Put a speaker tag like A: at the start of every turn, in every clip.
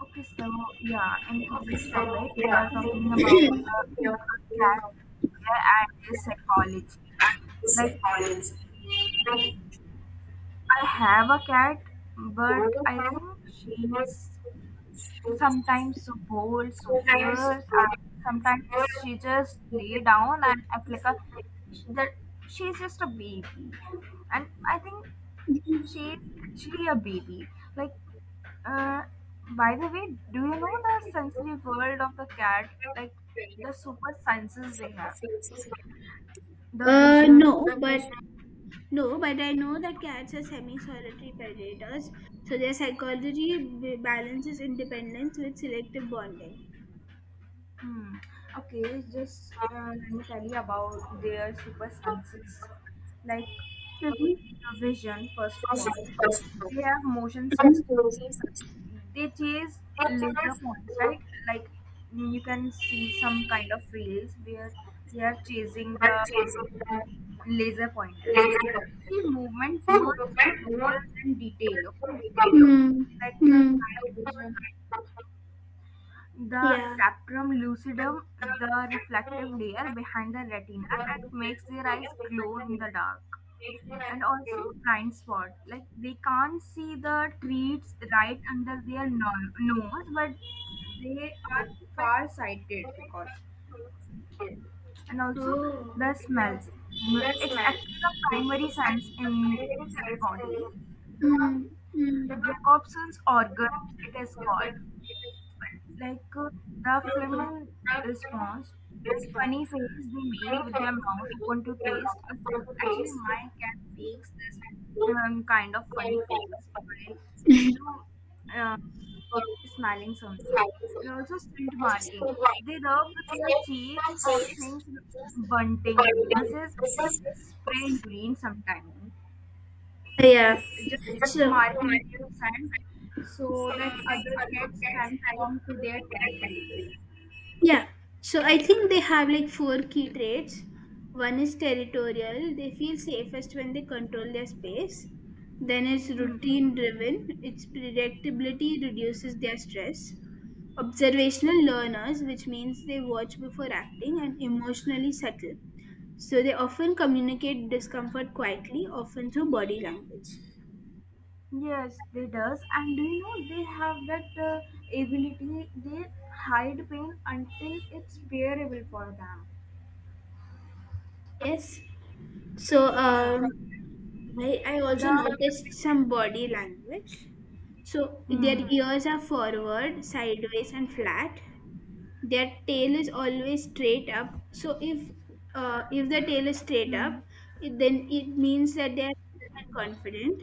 A: Okay, so yeah, in today's topic, we are talking about the cat care and their psychology. Like, I have a cat, but I think she's sometimes so bold, so fierce, and sometimes she just lay down and act like a that she's just a baby. And I think she's actually a baby. Like, Uh, by the way, do you know the sensory world of the cat? Like the super senses they have, the vision.
B: No, but I know that cats are semi-solitary predators, so their psychology balances independence with selective bonding.
A: Hmm. Okay, just let me tell you about their super senses. Like
B: Mm-hmm.
A: the vision, first of all, they have motion sense. They chase laser points, right? Like you can see some kind of reels where they are chasing the laser pointer because see movement much subtle than detail, okay,
B: Mm-hmm.
A: like the
B: Mm.
A: night vision, the
B: Yeah.
A: taprum lucidum, the reflective layer behind the retina that makes their eyes glow in the dark. And also blind spot, like they can't see the treats right under their nose, but they are far sighted because, and also
B: Oh,
A: the smell.
B: okay.
A: It's acting the primary sense in the body, the
B: Mm, mm, okay.
A: Jacobson's organ, it is called, like the Flamen response, that funny face they make with their mouth open to taste. A Actually, my cat makes this kind of funny faces by, you know, um, smelling something. And also scent marking. They rub their cheeks on things like bunting, versus they spray urine sometimes.
B: Yeah.
A: Just
B: So,
A: marking their scent so that other cats can come to their territory.
B: yeah. So I think they have like four key traits. One is territorial, they feel safest when they control their space. Then it's
A: Hmm.
B: routine driven, its predictability reduces their stress. Observational learners, which means they watch before acting and emotionally subtle. So they often communicate discomfort quietly, often through body language.
A: Yes, they does. And do you know they have that ability? They hide pain until it's bearable for them.
B: Yes. So
A: Yeah.
B: um, well, I also
A: The
B: noticed some body language. So their
A: hmm.
B: ears are forward, sideways, and flat. Their tail is always straight up. So if the tail is straight
A: Hmm.
B: up, then it means that they are confident.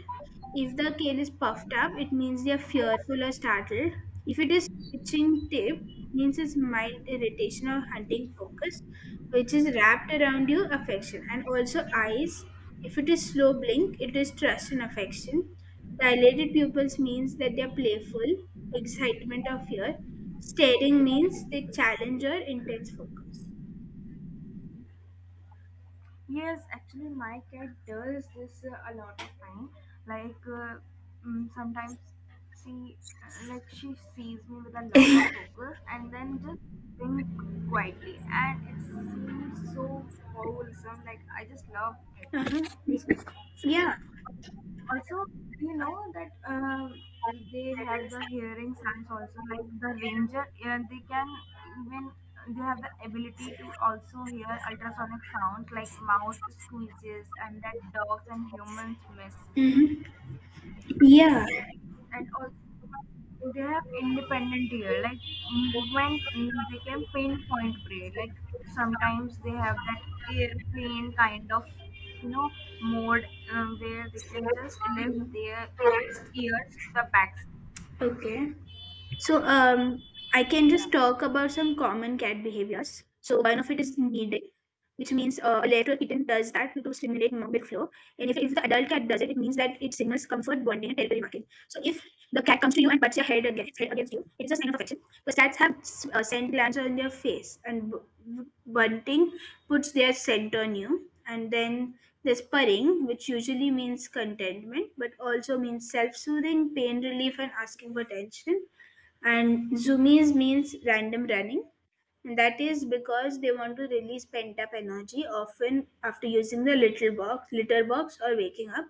B: If the tail is puffed up, it means they are fearful or startled. If it is twitching tip, means it's mild irritation or hunting focus, which is wrapped around you affection. And also eyes. If it is slow blink, it is trust and affection. Dilated pupils means that they are playful, excitement or fear. Staring means they challenge or intense focus.
A: Yes, actually, my cat does this a lot of time. Like sometimes she like she sees me with a lot of focus and then just think quietly, and it seems so wholesome. Like I just love it.
B: Uh-huh. Yeah.
A: Also, you know that they have the hearing sense also, like the ranger. They can even, they have the ability to also hear ultrasonic sounds like mouth squeezes, and that dogs and humans miss.
B: Hmm. Yeah.
A: And also they have independent ear, like they can pinpoint prey. Like sometimes they have that airplane kind of, you know, mode, where they can just lift their ears to the back.
B: Okay. So I can
A: Yeah.
B: just talk about some common cat behaviors. So one of it is kneading, which means a later kitten does that to stimulate milk flow. And if the adult cat does it, it means that it signals comfort, bonding, and territory marking. So if the cat comes to you and butts your head against you, it's a sign of affection. Because cats have scent glands on their face, and bunting puts their scent on you. And then there's purring, which usually means contentment, but also means self-soothing, pain relief, and asking for attention, and zoomies means random running. And that is because they want to release pent up energy often after using the little box, litter box or waking up.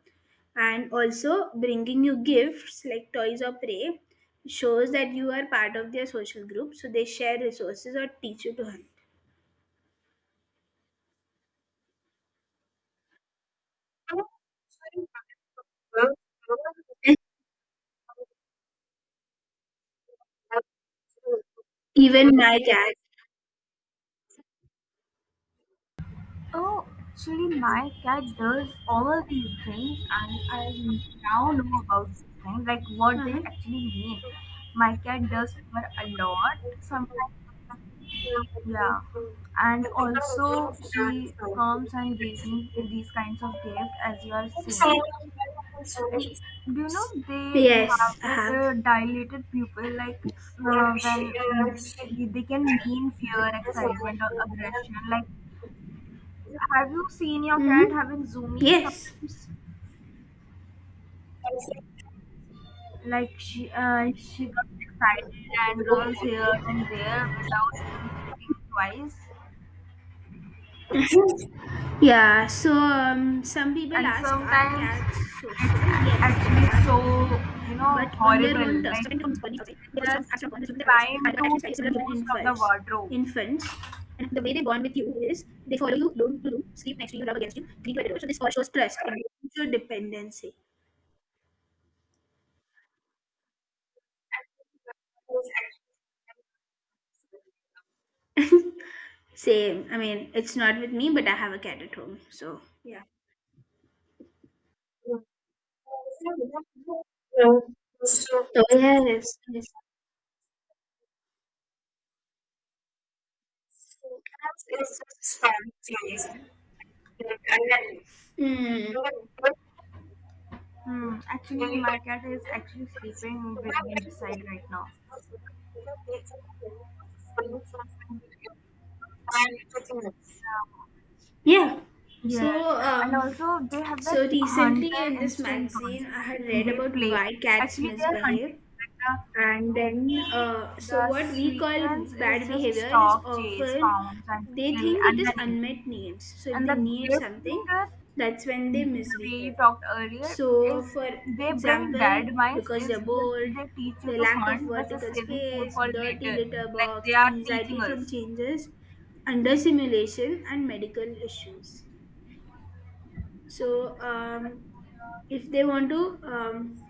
B: And also bringing you gifts like toys or prey shows that you are part of their social group. So they share resources or teach you to hunt. Even my cat.
A: Oh, actually, my cat does all these things, and I now know about these things, like what they
B: Uh-huh.
A: actually mean. My cat does purr a lot. Sometimes, yeah, and also she comes and gives me these kinds of gift, as you are saying. And do you know they
B: Yes,
A: have
B: I
A: that
B: have.
A: dilated pupil, like when they can mean fear, excitement, or aggression. Like, have you seen your
B: Hmm.
A: cat having zoomies
B: Yes.
A: sometimes? Like she got excited and rolls here and there without even thinking twice.
B: Yeah, so some people
A: And
B: ask, are
A: sometimes
B: cats social?
A: it's
B: Yes,
A: actually
B: cats are
A: so,
B: social,
A: you know,
B: but on their
A: horrible,
B: own terms. So
A: like
B: when it body outside,
A: they
B: they also
A: just
B: are strong bond with human others
A: climb
B: and are
A: to
B: actually very similar to human
A: most of the
B: infants.
A: wardrobe.
B: Infants, and the way they bond with you is they follow you room to room, sleep next to you, rub against you, drink at your door. So this all shows trust and show dependency. Same. I mean, it's not with me, but I have a cat at home. So yeah. Hmm.
A: Hmm. Actually, my cat is actually sleeping with me beside right now.
B: Yeah. So,
A: Yes, and
B: um,
A: also they have
B: so
A: that
B: recently
A: hunter
B: in this
A: instinct
B: magazine,
A: also.
B: I had
A: Like
B: read
A: they
B: about
A: play.
B: why cats
A: Actually, they are
B: misbehave,
A: hunting. Like
B: and then uh,
A: the
B: so
A: the
B: what we call
A: sequence is
B: bad
A: just
B: behavior is
A: stalk, chase,
B: often
A: pounce, and
B: they
A: kill,
B: think it
A: and
B: is
A: money.
B: unmet needs. So if
A: And
B: they
A: the
B: need
A: gift
B: something,
A: bringer
B: that's when they
A: we
B: misbehave.
A: talked earlier
B: So,
A: is,
B: for
A: they bring
B: example,
A: dad minds,
B: because they're
A: is just
B: bored,
A: they teach you
B: the
A: to
B: lack of
A: hunt versus
B: vertical
A: saving food
B: space,
A: for
B: dirty
A: later,
B: litter
A: like
B: box,
A: they are
B: anxiety
A: teaching
B: from
A: us.
B: changes, under simulation, and medical issues. So if they want to um,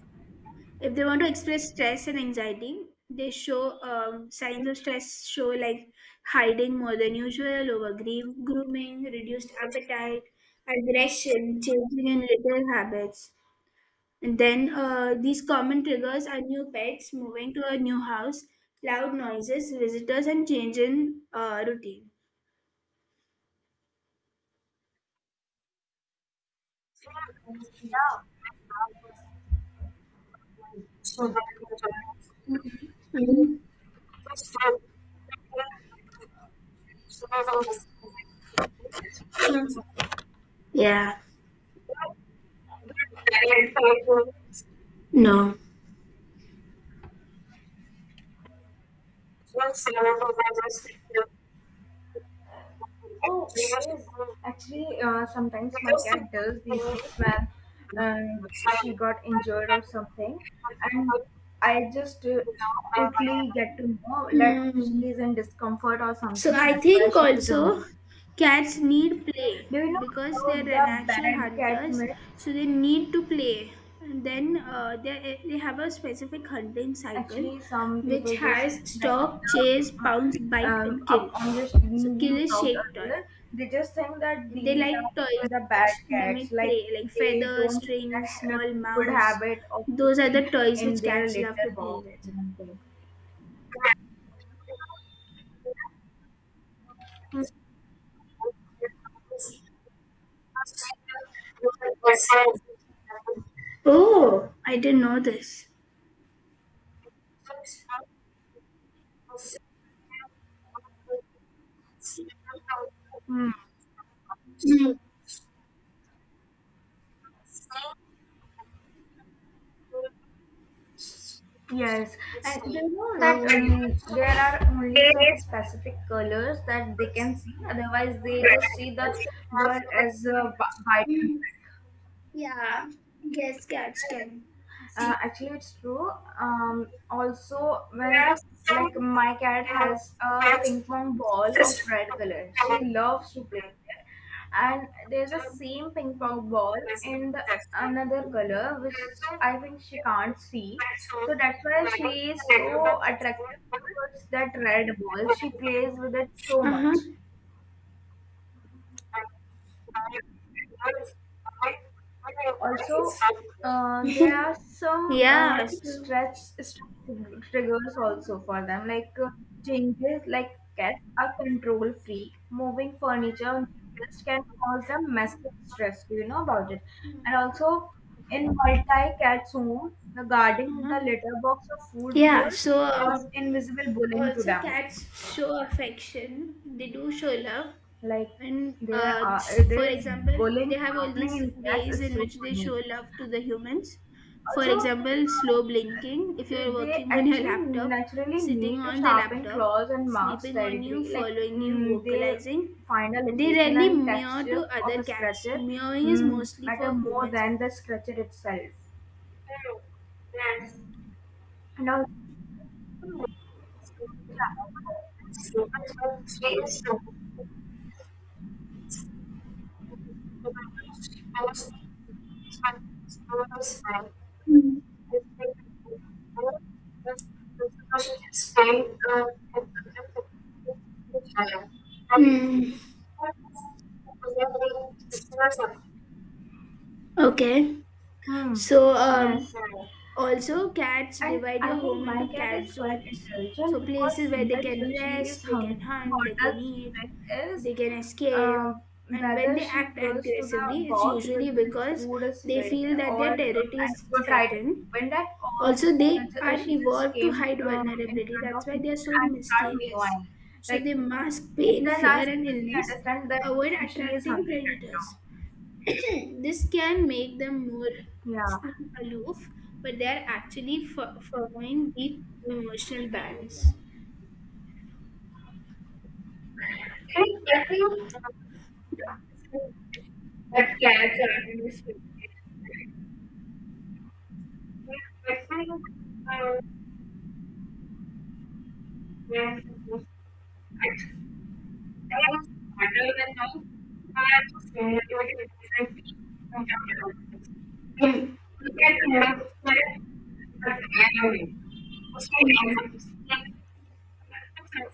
B: if they want to express stress and anxiety, they show signs of stress show like hiding more than usual, over grooming, reduced appetite, aggression, changing in little habits. And then these common triggers are new pets, moving to a new house, loud noises, visitors, and change in routine.
A: Yeah.
B: Mhm. Yeah. No.
A: Oh, it is. Actually, sometimes my cat does these things when she got injured or something, and I just now quickly get to know that she
B: Hmm.
A: is in discomfort or
B: So
A: something.
B: I
A: That's why
B: think
A: she is
B: also
A: doing it.
B: cats need play
A: Do you know
B: because they're
A: about
B: the
A: the
B: natural
A: bad cat
B: hunters,
A: myth?
B: so they need to play. And then they have a specific hunting cycle,
A: Actually, some people
B: which
A: just
B: has
A: think that
B: stalk, chase, pounce,
A: the,
B: bite, and kill.
A: up on the
B: So
A: screen
B: kill
A: you
B: is
A: talked
B: shake toy,
A: earlier, they just think that
B: and they
A: these are
B: like toys
A: the bad
B: which
A: cats.
B: mimic
A: Like
B: prey, like
A: they
B: feathers,
A: don't have that
B: strings, small
A: good
B: mouse.
A: habit of
B: Those are
A: pooping
B: the toys
A: in
B: which
A: their
B: cats love
A: litter
B: to play
A: box
B: with.
A: or something.
B: Oh, I didn't know this.
A: Hmm. Yes, and do you know
B: Um,
A: that there are only some specific colors that they can see? Otherwise, they just see the word as a vitamin.
B: Yeah, guess cats can see.
A: Actually it's true. Um, also when like my cat has a ping pong ball of red color, she loves to play with it, and there's a same ping pong ball in the another color, which I think she can't see, so that's why she is so attractive towards that red ball. She plays with it so much.
B: Uh-huh.
A: Also, there are some
B: Yeah. So,
A: stretch stretch triggers also for them, like changes. Like cats are control freak, moving furniture on just can cause them massive stress. Do you know about it? And also in multi-cat home, the guarding
B: uh-huh.
A: the litter box or food
B: Yeah.
A: bowl
B: So,
A: cause invisible bullying to
B: also,
A: them.
B: cats show affection. They do show love,
A: Like
B: and
A: there are
B: for
A: there is
B: example, they
A: bullying
B: have all these
A: happening in cats
B: ways
A: is
B: in
A: so
B: which they show
A: funny.
B: love to the humans. For
A: Also,
B: example, slow blinking. If you're
A: they
B: working on your
A: actually
B: laptop,
A: naturally
B: sitting
A: need to
B: on the
A: sharpen
B: laptop,
A: claws and marks
B: sleeping on you,
A: territory. Like
B: following you,
A: they
B: vocalizing,
A: find a
B: and they
A: location
B: rarely
A: and
B: meow to
A: texture of
B: other
A: a
B: cats.
A: scratcher
B: Meowing is mostly for
A: matter more
B: humans
A: than the
B: only.
A: scratcher itself. And also, yeah,
B: Hmm. Okay.
A: hmm,
B: So,
A: yes.
B: also cats
A: And
B: divide
A: I
B: your
A: think
B: home into
A: my cat
B: cat
A: is quite
B: zones. So
A: intelligent because
B: places where they
A: sometimes
B: can
A: when she is
B: rest, they
A: hungry,
B: can hunt,
A: what
B: they can
A: does she
B: eat,
A: check is,
B: they can escape.
A: uh,
B: And when
A: whether
B: they
A: she
B: act
A: goes to the
B: aggressively, it's
A: box where
B: usually
A: its
B: because
A: food is
B: they
A: filled,
B: feel that
A: or
B: their territory
A: and
B: is
A: go try to
B: threatened.
A: open that, or
B: Also, they
A: whether
B: are
A: she just
B: evolved to
A: came
B: hide
A: in
B: vulnerability. That's
A: front of
B: why
A: me
B: they are so
A: and start
B: mysterious.
A: mewing.
B: So
A: Like,
B: they mask
A: and
B: pain,
A: then
B: fear,
A: I
B: and
A: suddenly
B: illness
A: understand
B: to
A: that
B: avoid
A: she is
B: attracting
A: hungry right
B: predators.
A: now.
B: This can make them more
A: Yeah.
B: seem aloof, but they are actually following deep emotional bands.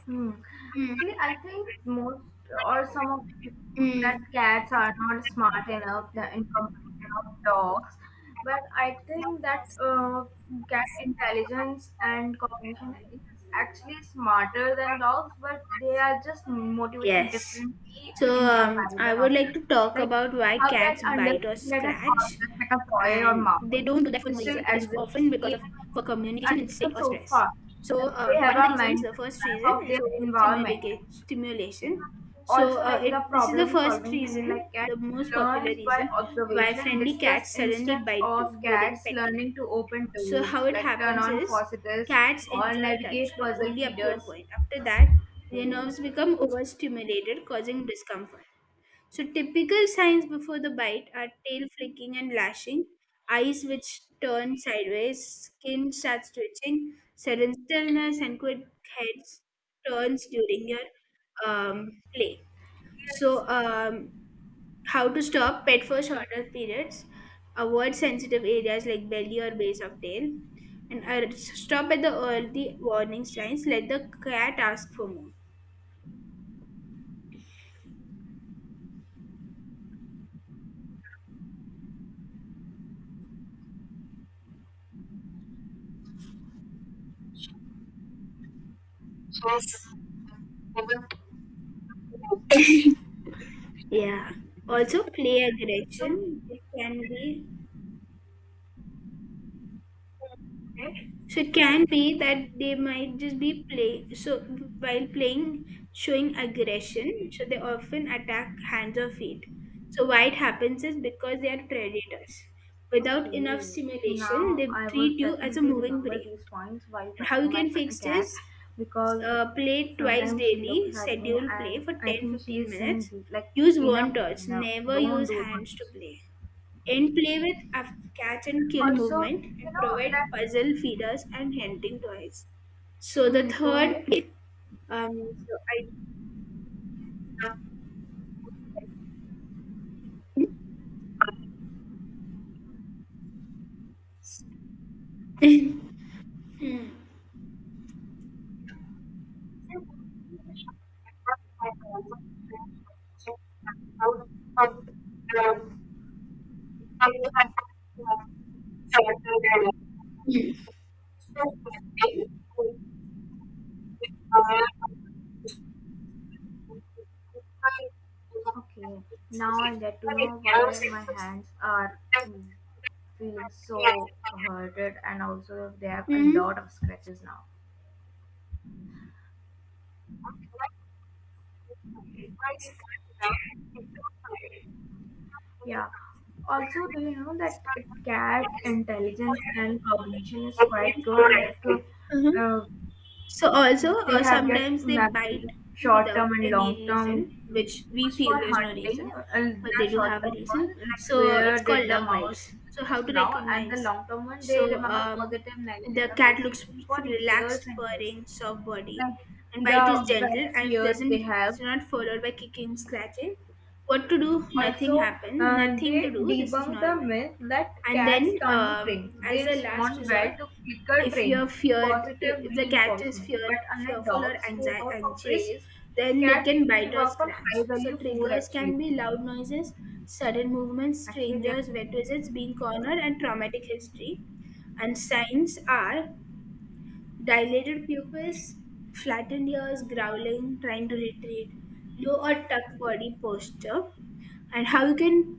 A: Hmm.
B: Mm,
A: Actually, I think most or some of the people think that
B: mm.
A: cats are not smart enough in comparison of dogs, but I think that cat intelligence and cognition is actually smarter than dogs, but they are just motivated
B: Yes.
A: differently
B: So
A: in
B: um, I
A: comparison
B: would
A: of
B: like
A: them.
B: to talk
A: Like
B: about why
A: a cat
B: cats
A: understands
B: bite or
A: that an
B: scratch,
A: object like a toy or
B: and they
A: mouse
B: don't do that for no
A: still
B: reason. It is
A: exists
B: often because of
A: even
B: for communication
A: under the
B: instinct or stress.
A: sofa,
B: So
A: that they
B: one
A: have
B: of the
A: a
B: reasons, the
A: mental
B: first
A: map
B: reason
A: of
B: is
A: their environment.
B: overstimulation. Stimulation. So
A: Also, like
B: it
A: the
B: this is the
A: problem
B: first
A: solving thing,
B: reason,
A: like cat
B: the most popular
A: learn by
B: reason why
A: observation,
B: friendly
A: discuss
B: cats suddenly
A: instance
B: bite
A: of
B: during
A: cats
B: petting.
A: learning to open
B: So
A: doors,
B: how it
A: like turn
B: happens
A: on
B: is
A: faucets
B: cats
A: or
B: enjoy
A: navigate
B: touch but
A: puzzle
B: only up to a
A: feeders.
B: point. After that, their nerves become overstimulated, causing discomfort. So typical signs before the bite are tail flicking and lashing, eyes which turn sideways, skin starts twitching, sudden stillness, and quick heads turns during your play.
A: Yes.
B: So how to stop pet for shorter periods. Avoid sensitive areas like belly or base of tail. And stop at the early warning signs. Let the cat ask for more. Yeah. Also, play aggression. It can be okay. So it can be that they might just be play, so while playing showing aggression, so they often attack hands or feet. So why it happens is because they are predators. Without enough
A: Okay,
B: stimulation,
A: now
B: they
A: I
B: treat
A: would
B: you as a
A: definitely
B: moving
A: remember
B: prey.
A: these points while
B: And how
A: petting
B: you
A: my
B: can fix this?
A: cat, because
B: Play twice
A: sometimes she
B: daily,
A: looks at me
B: schedule play
A: and
B: for
A: I
B: ten
A: think she
B: fifteen
A: is
B: minutes.
A: saying like,
B: Use warm
A: enough,
B: toys.
A: enough,
B: Never
A: don't
B: use
A: do
B: hands to
A: this.
B: play and play with a catch and kill
A: Also,
B: movement and
A: you know
B: provide
A: that.
B: puzzle feeders and hunting toys. So the
A: Go
B: third,
A: ahead.
B: um, so I. Hmm. Hmm.
A: Okay, now I get to know why my hands are mm, feeling so hurted, and also they have a
B: Mhm.
A: lot of scratches now. Yeah. Also, do you know that cat intelligence and cognition is quite good? Like, uh,
B: Uh-huh.
A: uh,
B: So also,
A: they have that
B: sometimes they bite
A: memory, short
B: without
A: term and
B: any
A: long term.
B: reason, which we
A: Used
B: feel
A: for
B: there's no
A: hunting,
B: reason, but
A: the
B: they do
A: short
B: have a
A: term one,
B: reason.
A: like
B: So it's
A: where
B: called
A: did the
B: love
A: mouse
B: bites.
A: do
B: So how
A: this
B: to
A: now, and the
B: recognize?
A: long term one, they
B: So
A: remember positive, negative
B: the cat looks
A: association for years
B: relaxed,
A: and years.
B: purring, soft body,
A: Like
B: and bite is
A: the
B: gentle
A: vet
B: and it
A: fear
B: doesn't.
A: they have.
B: It's not followed by kicking, scratching. What to do? Nothing
A: Also,
B: happened. Nothing to
A: they
B: do. This is
A: debunk the
B: normal.
A: myth that
B: And
A: cats
B: then,
A: can't be trained. They
B: as a last
A: respond well
B: resort,
A: to clicker
B: if
A: training,
B: you're feared,
A: positive
B: if the cat is
A: reinforcement.
B: feared,
A: But unlike
B: fearful or
A: dogs who work for
B: anxious,
A: praise,
B: then they
A: cats
B: can
A: usually
B: bite or
A: work for high
B: scratch. So
A: value food
B: triggers can
A: actually.
B: be loud noises, sudden movements,
A: Actually, they
B: strangers, wet visits, being cornered, and traumatic history. And signs are dilated pupils, flattened ears, growling, trying to retreat, low or tucked body posture, and how you can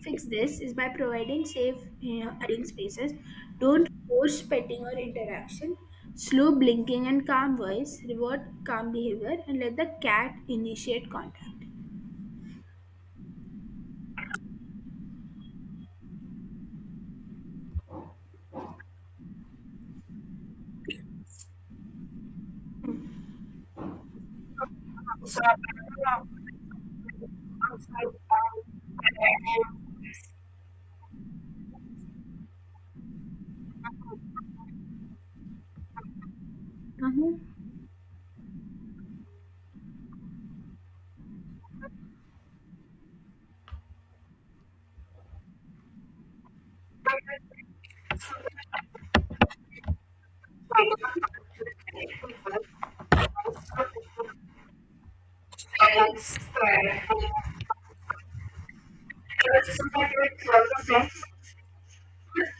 B: fix this is by providing safe, you know, hiding spaces. Don't force petting or interaction. Slow blinking and calm voice. Reward calm behavior and let the cat initiate contact. Uh-huh.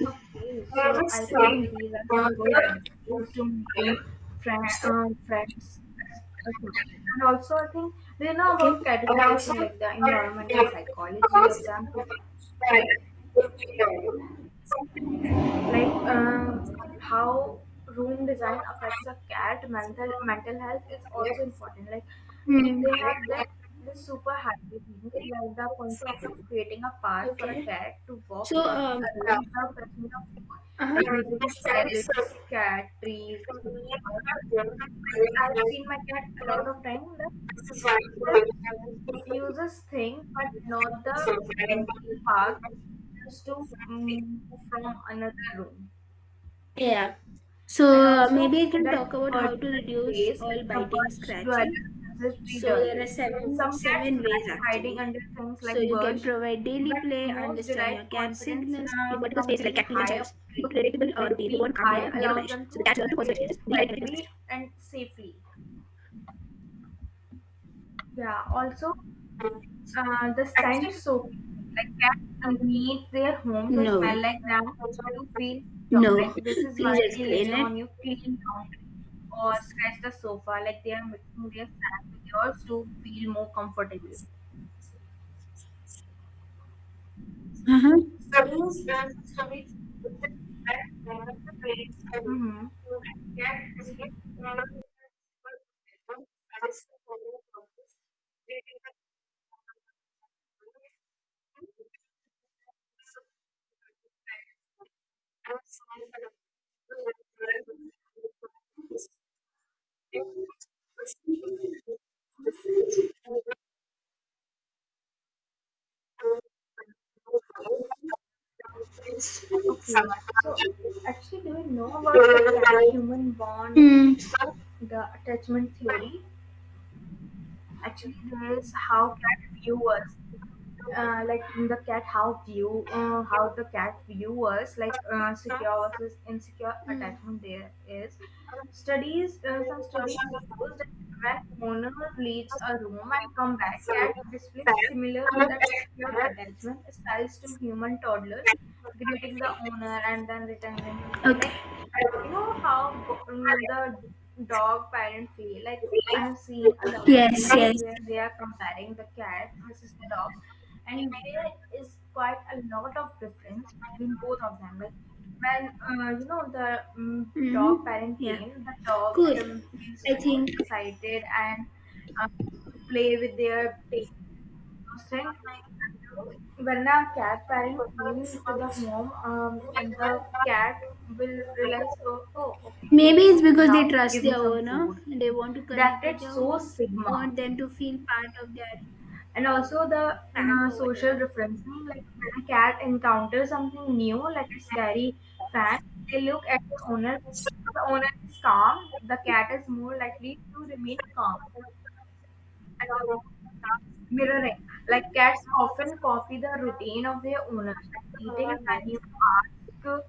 A: are okay. So, I think these are some good advice to making friends. Okay. And also, I think they know about catification, like the environmental psychology of them. Like how room design affects a cat mental health is also important. Like
B: Hmm.
A: they have that this super happy thing, like the concept of creating a path for a
B: Okay.
A: cat to walk
B: So,
A: around a room without touching the floor,
B: uh-huh.
A: like using shelves, cat trees, paper. Like I've seen my cat a lot of time that just uses things, but not the main path, just to move from another room.
B: Yeah. So
A: And also
B: maybe I can
A: that
B: talk about how to
A: vertical
B: reduce
A: space,
B: all
A: like the
B: biting,
A: bush
B: scratching.
A: dwellers versus tree
B: So there
A: dwellers.
B: are seven
A: Some cats
B: seven ways
A: like hiding
B: actually.
A: under things like
B: So you can
A: bush,
B: provide daily
A: but
B: play,
A: most
B: understand
A: derive
B: your cat's
A: confidence
B: signals, give vertical
A: from
B: spaces like
A: being
B: cat please and
A: high
B: shelves,
A: up
B: keep a
A: tree.
B: predictable
A: Like
B: routine,
A: being
B: reward calm
A: high
B: behavior, never
A: allows
B: punish.
A: them
B: So the
A: to
B: cat learns to
A: survey
B: positive
A: their
B: experiences, redirect negative
A: territory
B: experiences.
A: and safely. Yeah, also the scent soak. Like cats need their home to
B: No,
A: smell like them to feel secure.
B: no.
A: Like this is why
B: Please
A: they lay
B: explain it.
A: on your clean laundry or scratch the sofa. Like they are making their scent with yours to feel more comfortable.
B: Uh-huh.
A: Mm-hmm. Okay. So actually, do you know about the cat-human bond,
B: Mm.
A: the attachment theory? Actually, there is how cat viewers, like the cat how view how the cat view us, like secure versus insecure
B: Mm.
A: attachment. There is studies some studies shows that when owner leaves a room and come back, cat displays similar that secure attachment styles to human toddlers, greeting the owner and then returning to play. Like,
B: Okay.
A: you know how the dog parent feel, like I have seen a lot of
B: Yes,
A: videos
B: yes.
A: where they are comparing the cat versus the dog, and there is quite a lot of difference between both of them. Like when you know, the mm dog
B: Mm-hmm.
A: parent
B: Yeah.
A: came, the dog
B: Cool.
A: feels
B: I
A: so
B: think
A: excited and uh, play with their tail Mustang. When a cat parent came to the home, and the cat will realize, oh, oh, okay, you
B: maybe
A: have
B: it's
A: got
B: because they
A: now,
B: trust
A: give me
B: their
A: some
B: owner
A: food.
B: and they want to
A: They
B: connect with
A: acted
B: their
A: so
B: owner. They
A: sigma.
B: want them to feel part of their
A: And
B: um,
A: also the
B: pack or
A: social
B: whatever.
A: referencing, like when a cat encounters something new, like a scary fan, they look at the owner. If the owner is calm, the cat is more likely to remain calm. And also mirroring. Like cats often copy the routine of their owners. Like eating when you ask,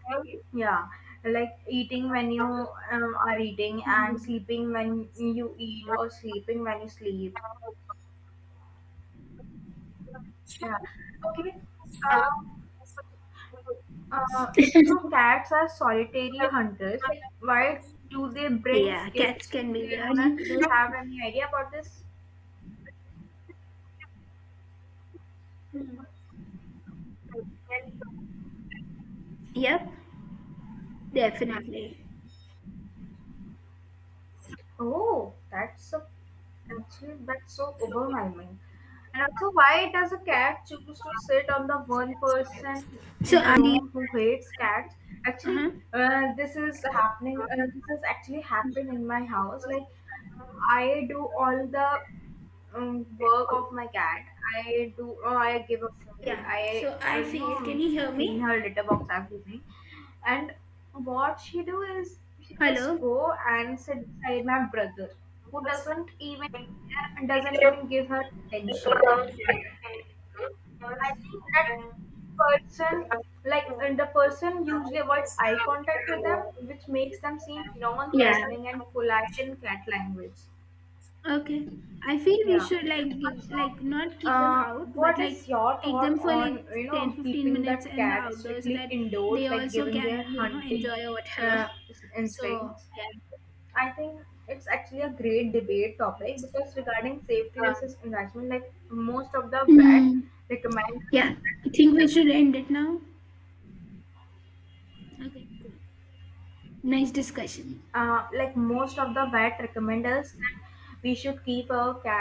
A: yeah, like eating when you are eating, and sleeping when you eat, or sleeping when you sleep. Yeah. Okay. Um, if cats are solitary hunters, like why do they bring
B: Yeah, cats
A: gifts
B: can
A: to
B: be
A: their
B: weird.
A: owner? Do you have any idea about this?
B: Hmm. Yep, definitely.
A: Oh, that's a, actually, that's so overwhelming. And also, why does a cat choose to sit on the one person
B: So
A: in the
B: I feel
A: room who hates cats?
B: uh-huh.
A: Actually, this is happening. This is actually happened in my house. Like I do all the work of my cat. I do. Oh, I give her food.
B: Yeah.
A: I
B: So I feel, can you hear
A: clean
B: me?
A: her litter box, everything. And what she do is she just
B: Hello?
A: go and sit beside my brother, who doesn't even care, doesn't even give her attention. I think that person, like, and the person usually avoid eye contact with them, which makes them seem
B: Yeah.
A: non-threatening and polite in cat language.
B: Okay. I feel we
A: Yeah.
B: should like give
A: Also,
B: like not keep them
A: uh,
B: out, but
A: what
B: like
A: is your
B: take them
A: thought
B: for like
A: on, you
B: 10,
A: know,
B: 15
A: keeping
B: minutes
A: that
B: in the
A: cat
B: outdoors so
A: strictly
B: that
A: indoors,
B: they
A: like
B: also
A: giving their
B: can, you know,
A: hunting
B: enjoy or
A: uh,
B: whatever. So,
A: instincts? I think it's actually a great debate topic because regarding safety versus investment, like most of the
B: yeah.
A: vet
B: Mm.
A: recommend,
B: Yeah. I think we should end it now. Okay, cool. Nice discussion.
A: like most of the vet recommend us that we should keep our cat